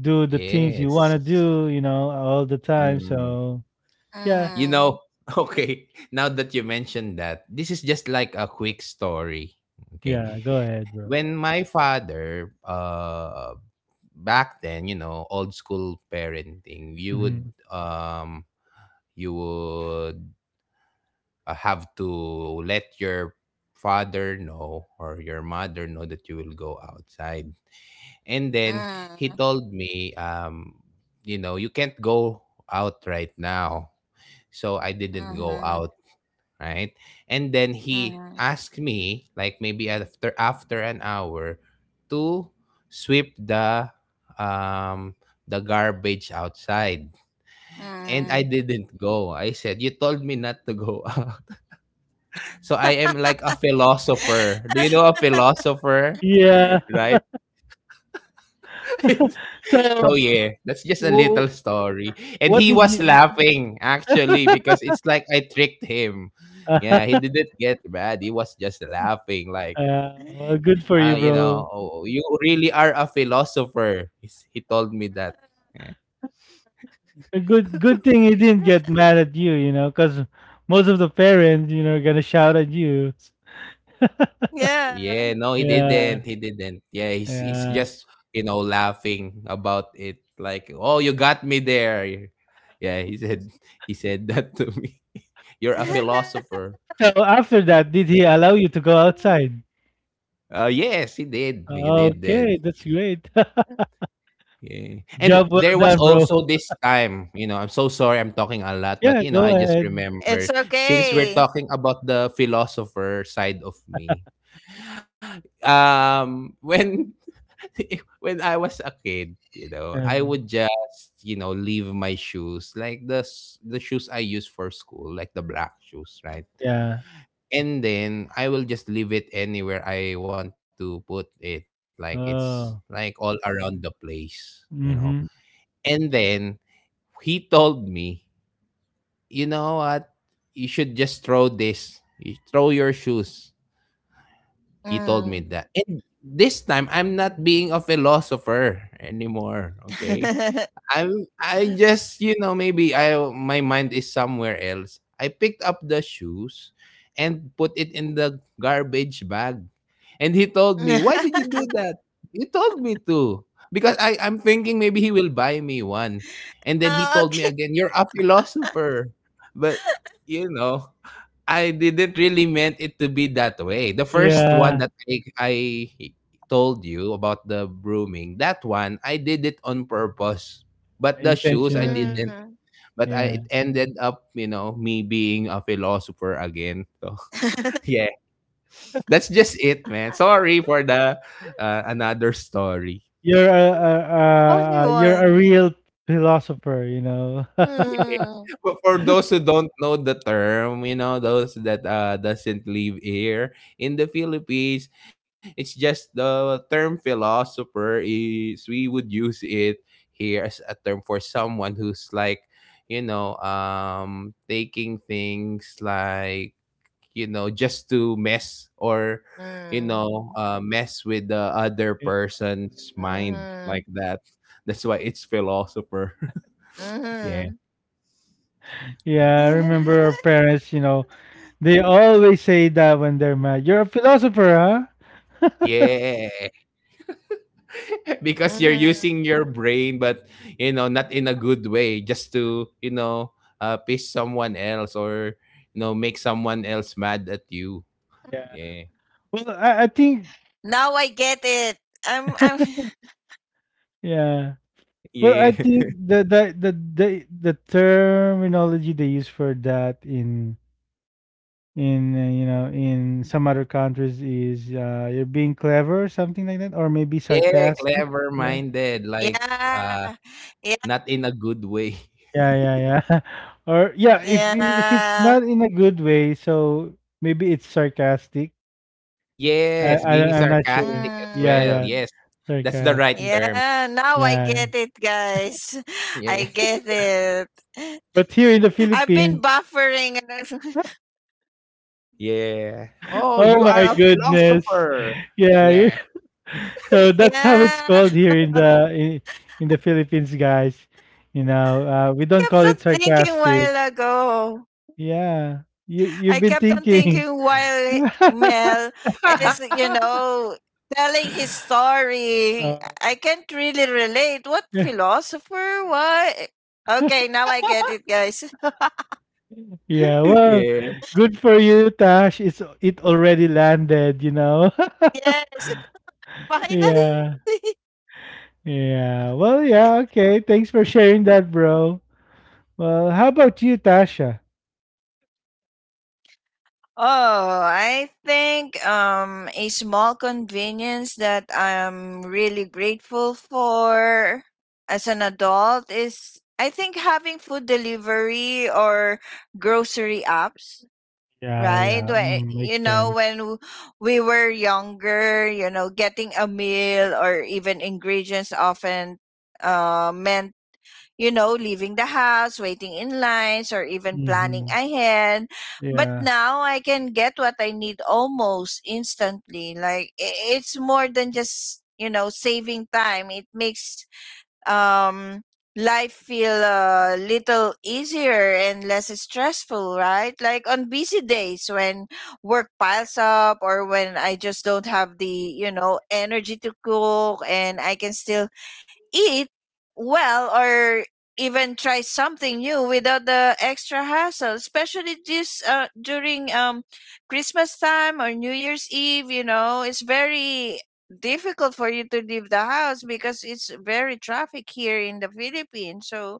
do the things you Yes. wanna do, you know, all the time, Mm. so yeah, You know, okay, now that you mentioned that, this is just like a quick story. Okay. yeah, go ahead, bro. When my father, uh, back then, you know, old school parenting, you Mhm. would, um, you would, uh, have to let your father know or your mother know that you will go outside, mhm, and then mhm, he told me, um you know, you can't go out right now. So I didn't go mhm, out, right? And then he mhm, asked me, like, maybe after after an hour, to sweep the, um the garbage outside. And I mhm. didn't go. I said, you told me not to go. So I am like a philosopher. Do you know a philosopher? Yeah. Right? So, So yeah, that's just a little w story. And what he did was you laughing actually, because it's like I tricked him. Yeah, he didn't get mad. He was just laughing, like, yeah, well, good for uh, you, you know, bro. "Oh, you really are a philosopher." He's- He told me that. Yeah. A good good thing he didn't get mad at you, you know, because most of the parents, you know, are gonna shout at you. Yeah. Yeah, no, he Yeah, didn't. He didn't. Yeah, he's he's yeah. just, you know, laughing about it, like, "Oh, you got me there." Yeah, he said he said that to me. You're a Uh, philosopher. so after that, did he allow you to go outside? Uh, yes, he did. He did did. Okay, that's great. Yeah. And Job well there was done, bro. also this time, you know, I'm so sorry I'm talking a lot, Yeah, but you know, go I just ahead. It's remember, okay. since we're talking about the philosopher side of me. Um when when I was a kid, you know, I Uh. would just, you know, leave my shoes, like the s- the shoes I use for school, like the black shoes, right? Yeah. And then I will just leave it anywhere I want to put it, like it's like Oh. all around the place, you know. Mhm. And then he told me, you know what? You should just throw this. You throw your shoes. He told Mm. me that. And this time I'm not being a philosopher anymore, okay? I'm I just, you know, maybe I my mind is somewhere else. I picked up the shoes and put it in the garbage bag. And he told me, "Why did you do that?" He told me to, because I I'm thinking maybe he will buy me one. And then he Oh, told me okay. again, "You're a philosopher." But you know, I didn't really meant it to be that way. The first one Yeah, that I, I told you about, the brooming, that one I did it on purpose, but the shoes I intentionally. didn't. Mm. But Yeah. I, it ended up, you know, me being a philosopher again. So yeah. That's just it, man. Sorry for the, uh, another story. You're a a a Funny a you're a one. real philosopher, you know. Eh, Mm. For for those who don't know the term, you know, those that, uh, doesn't live here in the Philippines, it's just, the term philosopher is, we would use it here as a term for someone who's like, you know, um taking things like, you know, just to mess, Mm. or you know, uh, mess with the other Mhm. person's mind, like that. That's why it's philosopher. Mhm. Yeah. Yeah, I remember our parents, you know, they always say that when they're mad. You're a philosopher, huh? Yeah. Mhm. Because you're using your brain but, you know, not in a good way, just to, you know, uh, piss someone else, or, you know, make someone else mad at you. Yeah. Yeah. Well, I, I think Now I get it. I'm I'm yeah. Well, I Yeah. think the the the the the terminology they use for that in in uh, you know in some other countries is uh, you're being clever something like that or maybe Yeah, sarcastic clever yeah minded, like, uh yeah. Yeah. not in a good way. yeah yeah yeah or yeah if if it's Yeah. not in a good way so maybe it's sarcastic. I, Yes, I don't- being I'm not sure sarcastic as yeah well. yeah Mm. Yes, that's the right sarcastic term. Yeah, now I yeah get it, guys. I Yeah, get it. but here in the I've Philippines. been buffering. And I- yeah. Oh, Oh you my are a goodness. philosopher. Yeah, you- Yeah, so that's how it's Yeah. called here in the in, in the Philippines guys you know uh, we don't call Kept it on thinking sarcastic. while ago. Yeah, you you've I been kept on thinking. thinking while Mel is, you know, telling his story. Oh, I can't really relate. What yeah, philosopher? What? Okay, now I get it, guys. yeah, well, yeah. good for you, Tash. It's it already landed, you know. Yes, Yeah, finally. yeah. Well, yeah, okay. Thanks for sharing that, bro. Well, how about you, Tasha? Oh, I think um a small convenience that I'm really grateful for as an adult is, I think, having food delivery or grocery apps, Yeah, right? yeah. When, Mm, you makes know, sense. when w- we were younger, you know, getting a meal or even ingredients often uh, meant, you know, leaving the house, waiting in lines, or even planning Mm-hmm. ahead. But Yeah. now I can get what I need almost instantly. Like, i- it's more than just, you know, saving time. It makes um life feel a little easier and less stressful, right? Like on busy days when work piles up, or when I just don't have the, you know, energy to cook, and I can still eat well or even try something new without the extra hassle, especially this uh, during um Christmas time or New Year's Eve. You know, it's very difficult for you to leave the house because it's very traffic here in the Philippines. So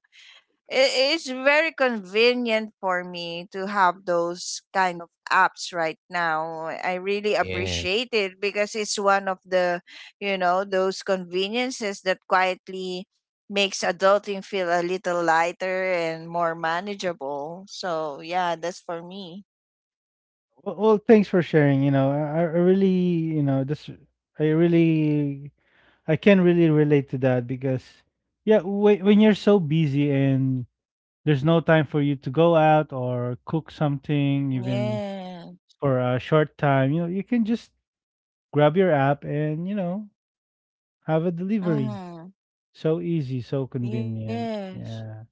it is very convenient for me to have those kind of apps right now. I really Yes, appreciate it because it's one of the, you know, those conveniences that quietly makes adulting feel a little lighter and more manageable. So, yeah, that's for me. Well, well, thanks for sharing. You know, I, I really, you know, this, I really, I can really relate to that because, yeah, when, when you're so busy and there's no time for you to go out or cook something even Yeah. for a short time you know you can just grab your app and you know have a delivery Mm-hmm. so easy so Yes. convenient yeah.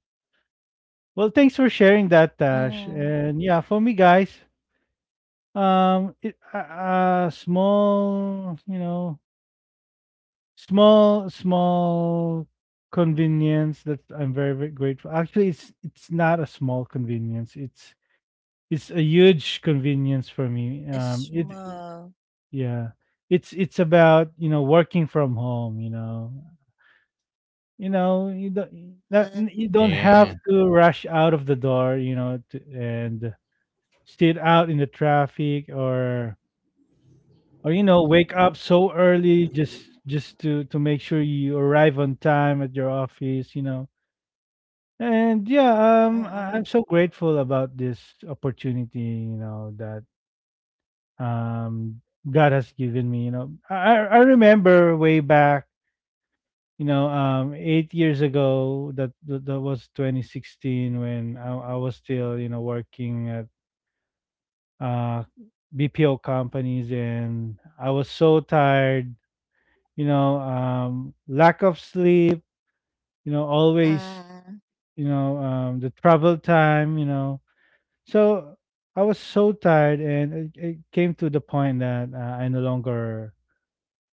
Well thanks for sharing Mm. that, Tash, and yeah, for me guys, um, it, a, a small you know small small convenience that I'm very, very grateful, actually it's it's not a small convenience, it's it's a huge It's convenience for small. me. Um, it, yeah, it's it's about you know working from home. You know, you Mm. know you don't that, you don't have yeah, to rush out of the door. You know, to, and sit out in the traffic or or you know wake up so early just just to to make sure you arrive on time at your office. You know. And Mm-mm. yeah, um, I- I'm so grateful about this opportunity, you know, that um God has given me. You know, I I I remember way back, you know, um, eight years ago. That that that was twenty sixteen when I, I was still, you know, working at uh, B P O companies, and I was so tired. You know, um, lack of sleep. You know, Mm. always. You know, um, the travel time. You know, so I was so tired, and it, it came to the point that uh, I no longer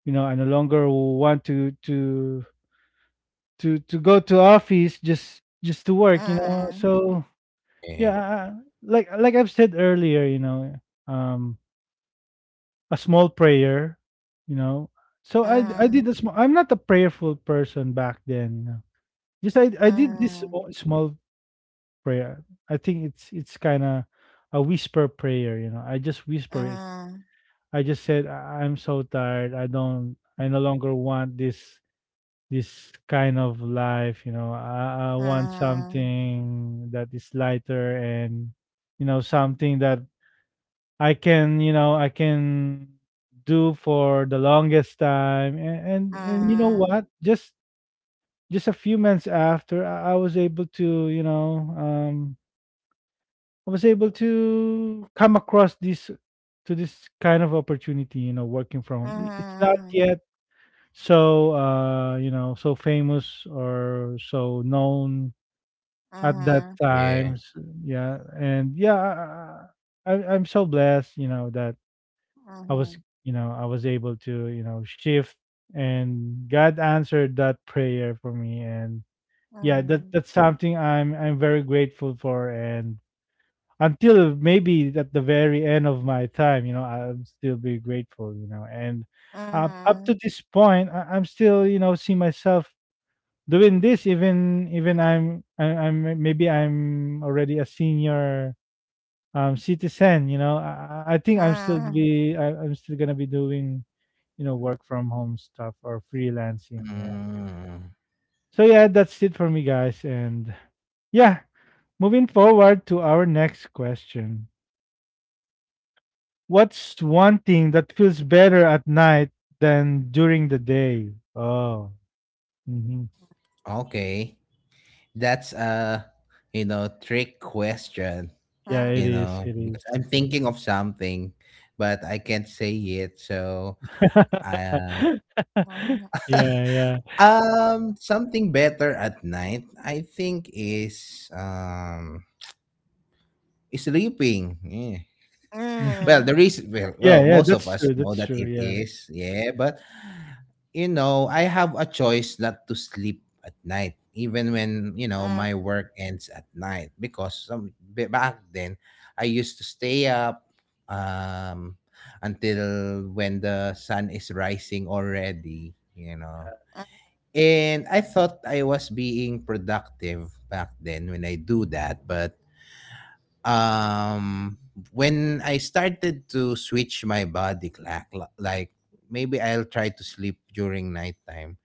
you know I no longer want to to to to go to office just just to work you Mm. know so yeah. yeah, I- I- like like I've said earlier you know um a small prayer you know so I I Mm. did a small, I'm not a prayerful person back then you know just i I did this Mhm, small small prayer, I think it's it's kind of a whisper prayer you know I just whisper it. mhm, I just said "I- I'm so tired, I don't I no longer want this this kind of life you know. I, I want mhm, something that is lighter and you know something that i can you know I can do for the longest time and and, and, you know mhm, what, just just a few months after, I, I was able to you know um I was able to come across this to this kind of opportunity you know working from home. I- it's not mhm, yet so uh you know so famous or so known mhm, at that mhm, yeah. times, yeah. And yeah, I, I- I'm so blessed you know that I was mhm, you know I was able to you know shift and God answered that prayer for me. And yeah, that mhm, that's something i'm I'm very grateful for. And until maybe at the very end of my time you know I'll still be grateful, you know, and mhm, up, up to mhm, this point, I, I'm still you know see myself doing this, even even i'm I, I'm maybe I'm already a senior um citizen, you know, i, I I think i'm still mhm, be I, I'm still gonna be doing you know work from home stuff or freelancing, yeah. Mm, So yeah, that's it for me guys, and yeah, moving forward to our next question: what's one thing that feels better at night than during the day? Oh. Mhm. okay, that's a, you know, trick question. Yeah, it You is, know, it is. because I'm thinking of something, but I can't say it. So I, Yeah yeah. Um, something better at night, I think, is, um is sleeping. Yeah. Well, the mhm, reason, well, well, Yeah, yeah, most of that's us true, know that's that true, it yeah. is. Yeah, but you know, I have a choice not to sleep at night, even when you know my work ends at night, because some b- back then I used to stay up, um until when the sun is rising already. You know, and I thought I was being productive back then when I do that, but, um, when I started to switch my body clock, li like, maybe I'll try to sleep during nighttime,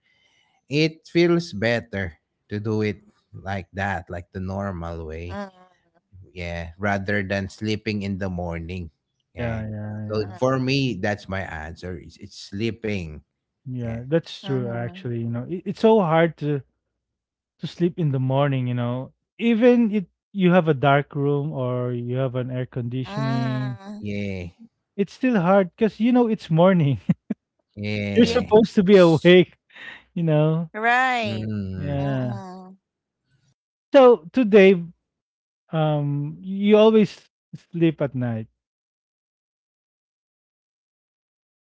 it feels better to do it like that, like the normal way. mhm, Yeah, rather than sleeping in the morning. Yeah, Yeah. yeah, So yeah. for me, that's my answer. It's, it's sleeping. Yeah. Yeah, that's mhm, true mhm. actually, you know. It, it's so hard to to sleep in the morning, you know. Even it you have a dark room or you have an air conditioning, Yeah. it's still hard because you know it's morning. You're Yeah. supposed to be Yes, awake, you know. right. Mm. Yeah. Mm-mm. So today, um, you always sleep at night.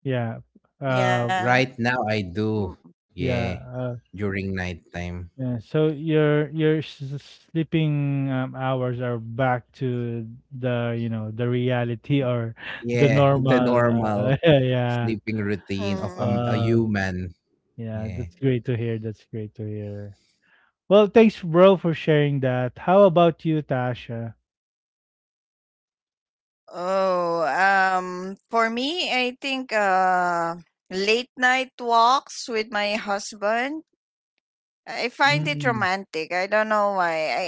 Yeah. Uh, Yeah. Right now I do, yeah. yeah. During nighttime. Yeah, so your your s- s- sleeping um, hours are back to the you know the reality or the Yeah, the normal. Uh, normal yeah, sleeping routine of a, a Mm-mm. well, human. yeah, Yeah. that's great to hear. That's great to hear. Well, thanks, bro, for sharing that. How about you, Tasha? Oh, um, for me, I think uh, late night walks with my husband, I find it Mm, romantic. I don't know why. I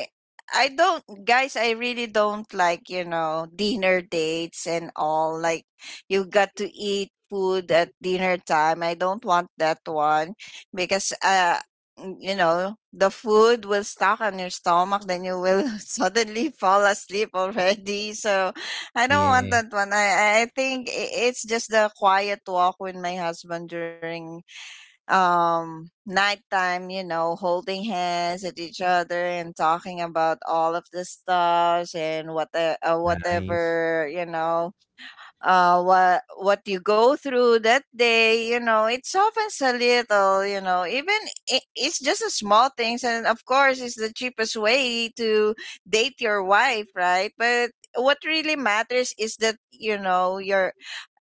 I don't, guys, I really don't like, you know, dinner dates and all. Like you got to eat food at dinner time. I don't want that one because uh n- you know, the food will stuck on your stomach, then you will suddenly fall asleep already. So I don't want Yeah. that one. I I I think i- it's just the quiet walk with my husband during um nighttime, you know, holding hands at each other and talking about all of the stars and what the, uh, Nice. whatever, you know, uh what what you go through that day. You know, it softens a little. You know, even I it's just a small things, and of course it's the cheapest way to date your wife, right? But what really matters is that, you know, your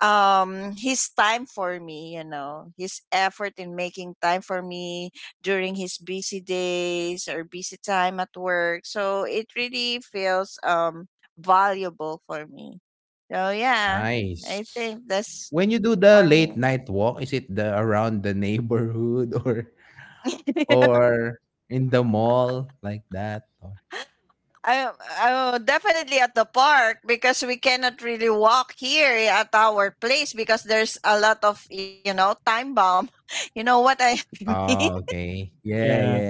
um his time for me, you know, his effort in making time for me during his busy days or busy time at work. So it really feels um valuable for me. So yeah, I Nice. think that's When you do the for late me. night walk, is it the around the neighborhood or or in the mall like that? Or, I, I definitely at the park, because we cannot really walk here at our place because there's a lot of, you know, time bomb. You know what I mean. oh, okay. Yeah, yeah, yeah.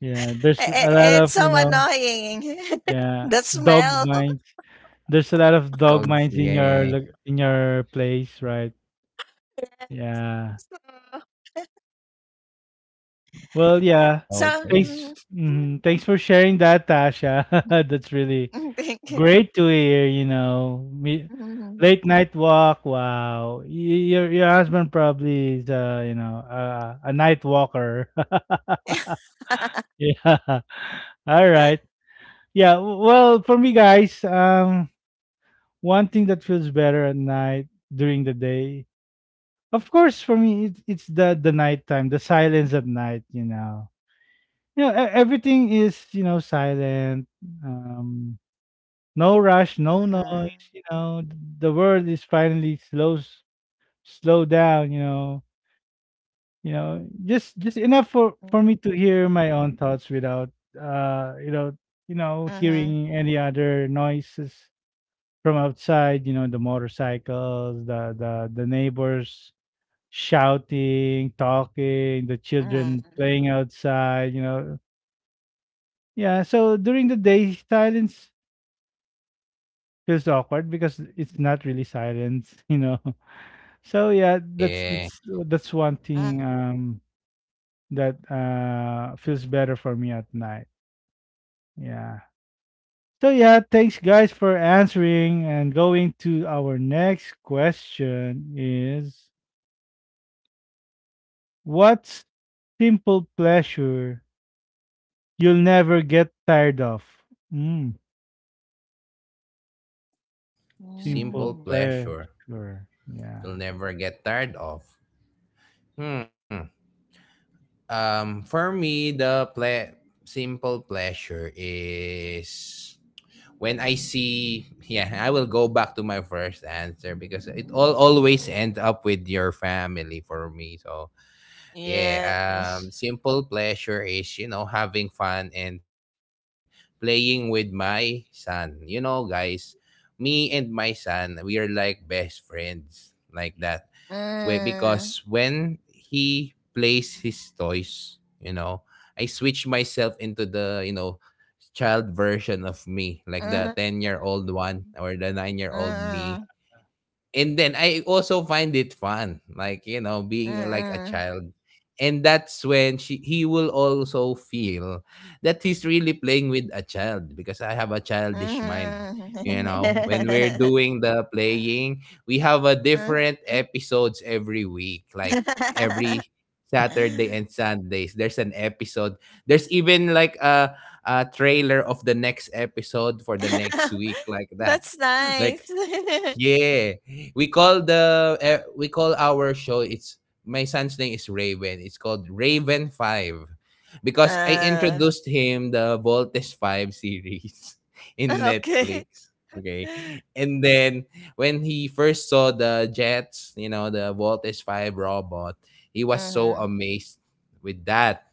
yeah. I- There's I- a lot It's of so you know, annoying. yeah, The smell. dog minds. There's a lot of dog Dogs, minds in your yeah. lo- in your place, right? Yes. Yeah. uh, Well, yeah. So. Okay. Mm. Thanks. Mhm. Thanks for sharing that, Tasha. That's really Mm. Thank you. great to hear. You know, me, Mhm, late night walk. Wow, Y- your your husband probably is, uh, you know, uh, a night walker. Yeah. All right. Yeah. w- Well, for me, guys, um, one thing that feels better at night during the day, of course, for me, it, it's the the nighttime, the silence at night. You know, yeah, e- everything is you know silent. Um, no rush, mhm, no noise. You know, th- the world is finally slows slow down. You know, you know, just mhm, just enough for for me to hear my own thoughts without mhm, mhm, uh you know you know hearing any other noises from outside. You know, the motorcycles, the the the neighbors shouting, mhm, talking, the children playing outside. You know, yeah, so during the day, silence feels awkward because it's not really silence, you know. So yeah, that's Yeah. that's mhm. that's one thing um that uh feels better for me at night. Yeah. So yeah, thanks guys for answering and going to our next question is, what's simple pleasure you'll never get tired of? Mm, simple Simple pleasure. pleasure. Yeah. You'll never get tired of. Hmm. Um, for me, the ple- simple pleasure is when I see. Yeah, I will go back to my first answer because it all always end up with your family for me. So yeah, Yes. um, simple pleasure is you know having fun and playing with my son. You know, guys, me and my son, we are like best friends like that where, because Mm, when he plays his toys, you know, I switch myself into the, you know, child version of me, like the mhm, ten year old one or the nine year old me, mhm, and then I also find it fun, like you know, mhm, being uh, like a mhm. child. And that's when she he will also feel that he's really playing with a child because I have a childish mind. You know, when we're doing the playing, we have a different episodes every week, like Mhm. every Saturday and Sundays. There's an episode. There's even like a a trailer of the next episode for the next week, like that. That's nice. Like yeah, we call the eh, we call our show. It's my son's name is Raven. It's called Raven Five, because I uh, introduced him the Voltes Five series in okay. Netflix. Okay, Mhm. and then when he first saw the jets, you know, the Voltes Five robot, he was so Mhm. amazed with that.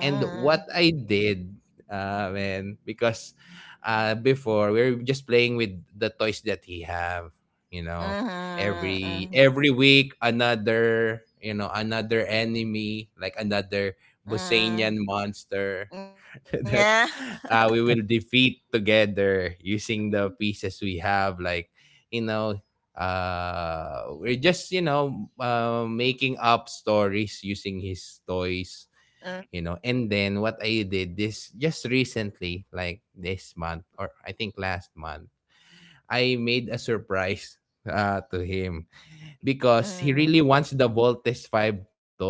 And what I did, uh, man, because uh, before we were just playing with the toys that he have, you know, every Mhm. every week another, you know, another enemy, like another Mhm. Bosanian monster Yeah. that uh, we will defeat Mm, together using the pieces we have, like you know. Uh, we're just you know uh, making up stories using his toys, you know. And then what I did this just recently, like this month or I think last month, I made a surprise uh, to him because he mhm. really wants the Voltes five toy,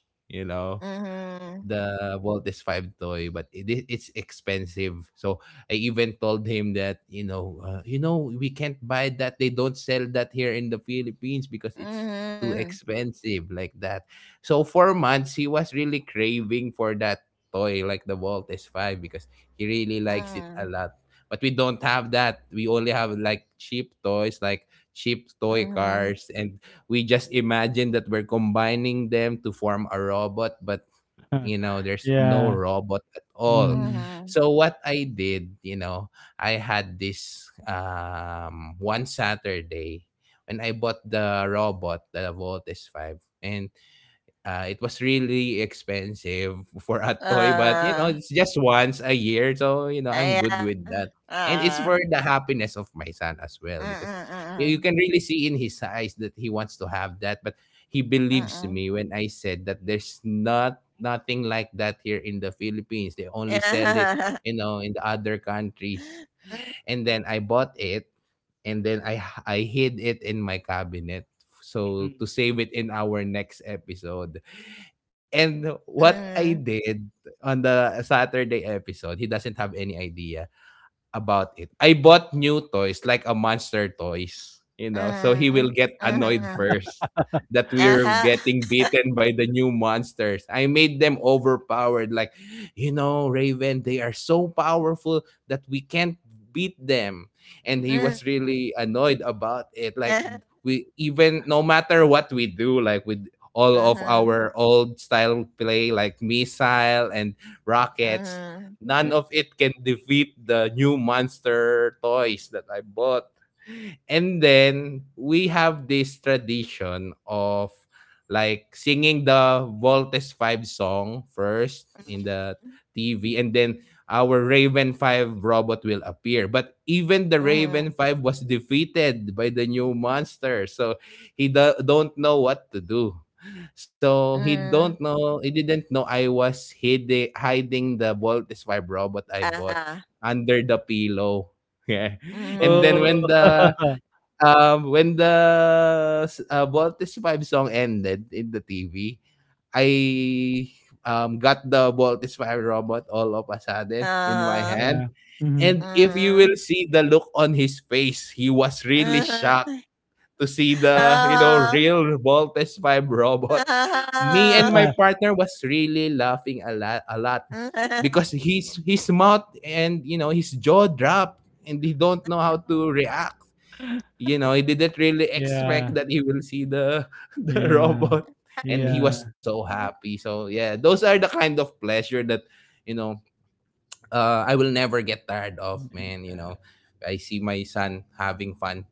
you know, Mhm. the Walt is five toy, but it, i- it's expensive. So I even told him that, you know, uh, you know, we can't buy that. They don't sell that here in the Philippines because it's too Mhm. expensive like that. So for months, he was really craving for that toy like the Walt S five because he really likes it a Mhm. lot. But we don't have that. We only have like cheap toys, like cheap toy Mhm. cars, and we just imagine that we're combining them to form a robot. But you know there's no Yeah. robot at all. Mhm, Mhm. So what I did, you know, I had this um one Saturday when I bought the robot, the Voltes five, and uh, it was really expensive for a toy, but you know, Uh, it's just once a year, so you know, I'm good yeah. with that. And it's Uh, for the happiness of my son as well, because you you Mm-mm-mm. can really see in his eyes that he wants to have that. But he believes Mm-mm. me when I said that there's not nothing like that here in the Philippines. They only sell it, Yeah. you know, in the other countries. And then I bought it, and then I I hid it in my cabinet so to mhm, save it in our next episode. And Mm-mm. what I did on the Saturday episode, he doesn't have any idea about it. I bought new toys, like a monster toys, you know, so he will Mhm. get annoyed Mhm. first that we're Uh-huh. getting beaten by the new monsters. I made them overpowered, like, you know, Raven, they are so powerful that we can't beat them. And he Mm. was really annoyed about it. Like, Mhm. we even no matter what we do, like with all of our old style play, like missile and rockets, Mhm. none yeah. of it can defeat the new monster toys that I bought. And then we have this tradition of like singing the Voltes five song first in the T V and then our Raven five robot will appear. But even the Raven Mhm. five was defeated by the new monster. So he do- don't know what to do. So he don't know he didn't know I was hiding hiding the Voltes five robot I bought Uh-huh. under the pillow. Yeah. And then Mhm. Oh. when the um, when the s- uh, Voltes five song ended in the T V, I um, got the Voltes five robot all of a sudden in my Uh-huh. hand. Yeah. Mhm. And if you will Mhm. see the look on his face, he was really shocked Uh-huh. to see the, you know, real Voltes five robot. Me and my Uh-huh. partner was really laughing a lot, a lot Uh-huh. because his his mouth and you know his jaw dropped and he don't know how to react. You know, he didn't really expect Yeah, that he will see the the yeah, robot, and he was yeah, so Mhm. happy. So yeah, those are the kind of pleasure that you know uh, I will never get tired of, man. You know, yeah, I see my son having fun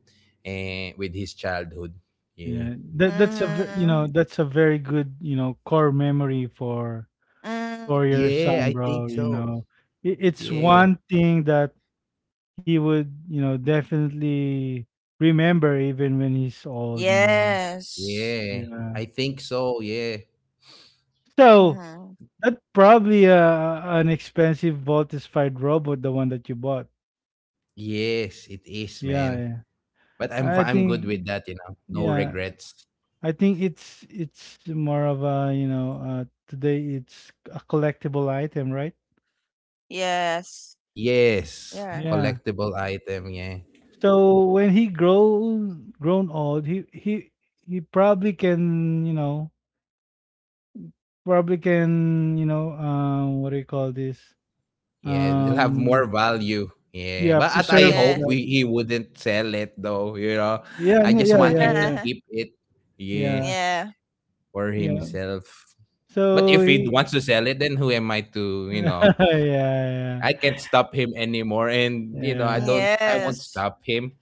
eh, with his childhood. Yeah, yeah. That that's a ve you know, Mhm. that's a very good, you know, core memory for Mm. for your yeah, I son, think bro, you so. know. It it's Yeah, one thing that he would, you know, definitely remember even when he's old, you know. Yes. yeah, Yeah. I think so. Yeah, So, Mhm. that's probably a an expensive Voltus-fired robot, the one that you bought. yes, it is, Yeah, man. yeah. But I'm I fi- I'm good think, with that, you know. No yeah, regrets. I think it's it's more of a, you know, uh, today it's a collectible item, right? Yes. Yes, Yeah. Yeah. collectible item. Yeah. So when he grown grown old, he he he probably can, you know, probably can, you know, um, what do you call this? Yeah, it'll have more Um, value. Yeah, yeah, but at I preserve Yeah. hope that. we, he wouldn't sell it though. You know, Yeah, I n- just yeah, want yeah, him to yeah. keep it. Yeah, Yeah. Yeah. for Yeah. himself. But So if he he wants to sell it, then who am I to you know? yeah, yeah. I can't stop him anymore, and you know I Yeah. don't. I won't Yes. stop him.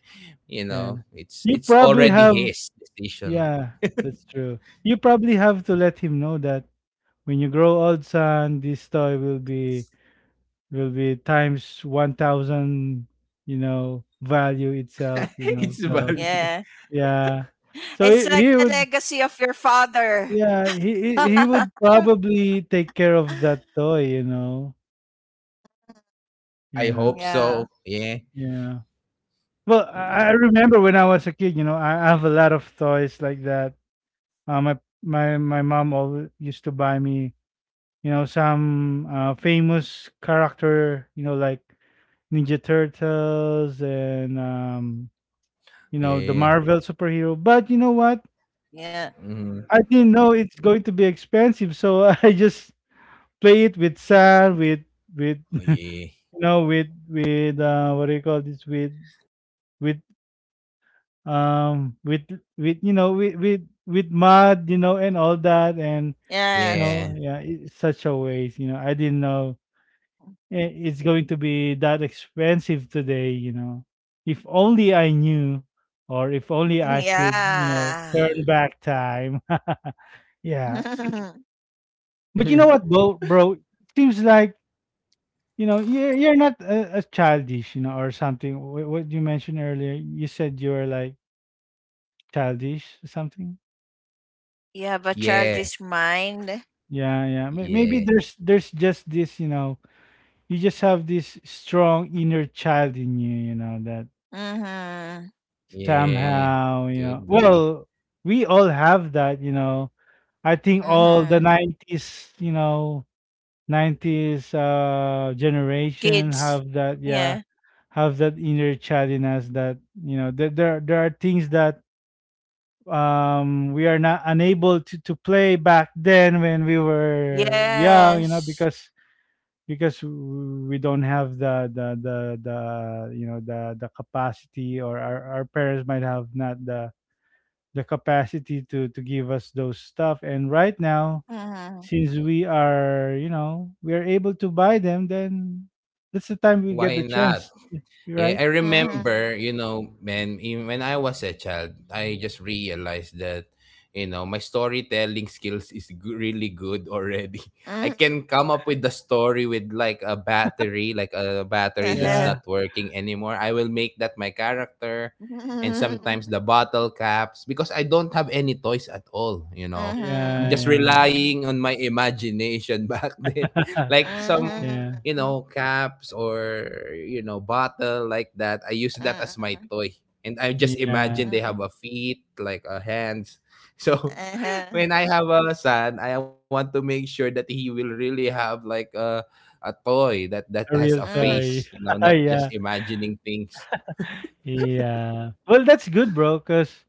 You Yeah. know, it's You it's probably already have, his decision. yeah, that's true. You probably have to let him know that when you grow old, son, this toy will be, will be times one thousand, you know, value itself, you know. it's So Yeah. value. yeah, It's so like he, the he would, legacy of your father. yeah, he he he would probably take care of that toy, you know. I Yeah, hope Yeah. so. Yeah, yeah. Well, I, I yeah, remember when I was a kid, you know, I, I have a lot of toys like that. Uh, my my my mom always used to buy me, you know, some uh, famous character, you know, like ninja turtles and um, you know, the yeah. Marvel superhero. But you know what, Yeah. Mm. I didn't know it's going to be expensive, so I just play it with sand, with with Oh yeah, you know with with uh, what do you call this, with with um with with you know, with with with mud, you know, and all that. And you Yes. yeah, know, yeah, it's such a waste, you know. I didn't know, eh, it's going to be that expensive today, you know. If only I knew, or if only I could, you know, Yeah. turn back time. Yeah. But you know what, bro? Bro, it seems like, you know, you're, you're not a, a childish, you know, or something. Wh- what you mentioned earlier, you said you were like childish or something. You have a yeah, childish mind. Yeah, yeah. May- maybe yeah, there's there's just this, you know, you just have this strong inner child in you, you know, that Mhm. yeah. somehow, you know. Could be. Well, we all have that, you know. I think all the Mhm. nineties, you know, nineties uh generation Kids. have that, Yeah. yeah, have that inner child in us that, you know, there there, there are things that um we are not unable to to play back then when we were young, you know, Yes. because because we don't have the the the, the you know the the capacity, or our, our parents might have not the the capacity to to give us those stuff. And right now, Mhm. since we are, you know, we are able to buy them, then that's the time we get Why the not? chance, Yeah, right? I remember, you Mhm. know, when in- when I was a child, I just realized that, you know, my storytelling skills is g- really good already. I Mhm. can come up with the story with like a battery, like a battery that's Mhm. Yeah, not working anymore. I will make that my character, and sometimes the bottle caps because I don't have any toys at all, you know. I'm yeah, just yeah. relying on Mhm. my imagination back then. Like some Yeah, you know, Mhm. caps or, you know, bottle like that. I use that as my toy. And I just yeah. imagine they have a Mhm. feet, like a hands. So Uh-huh. when I have a son, I want to make sure that he will really have like a a toy that that has a A real face, Mhm. you know, toy. not just Yeah, imagining things. yeah. Well, that's good, bro, because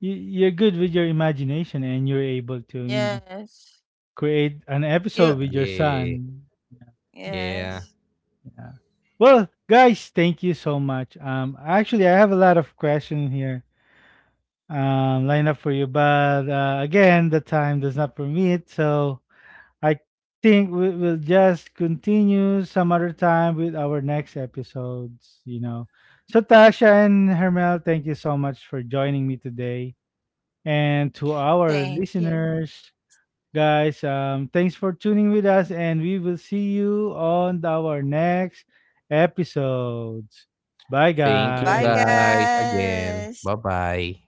you're good with your imagination and you're able to, you know, Yes. create an You. episode with your Yeah. son. Yeah. Yes. Yeah. Well, guys, thank you so much. Um, actually, I have a lot of questions here um, lined up for you, but uh, again, the time does not permit. So I think we will just continue some other time with our next episodes, you know. So, Tasha and Hermel, thank you so much for joining me today. And to our Thank you. listeners, guys. Um, thanks for tuning with us, and we will see you on our next episodes. Bye, Thank you Bye, guys. guys again. guys. Bye-bye.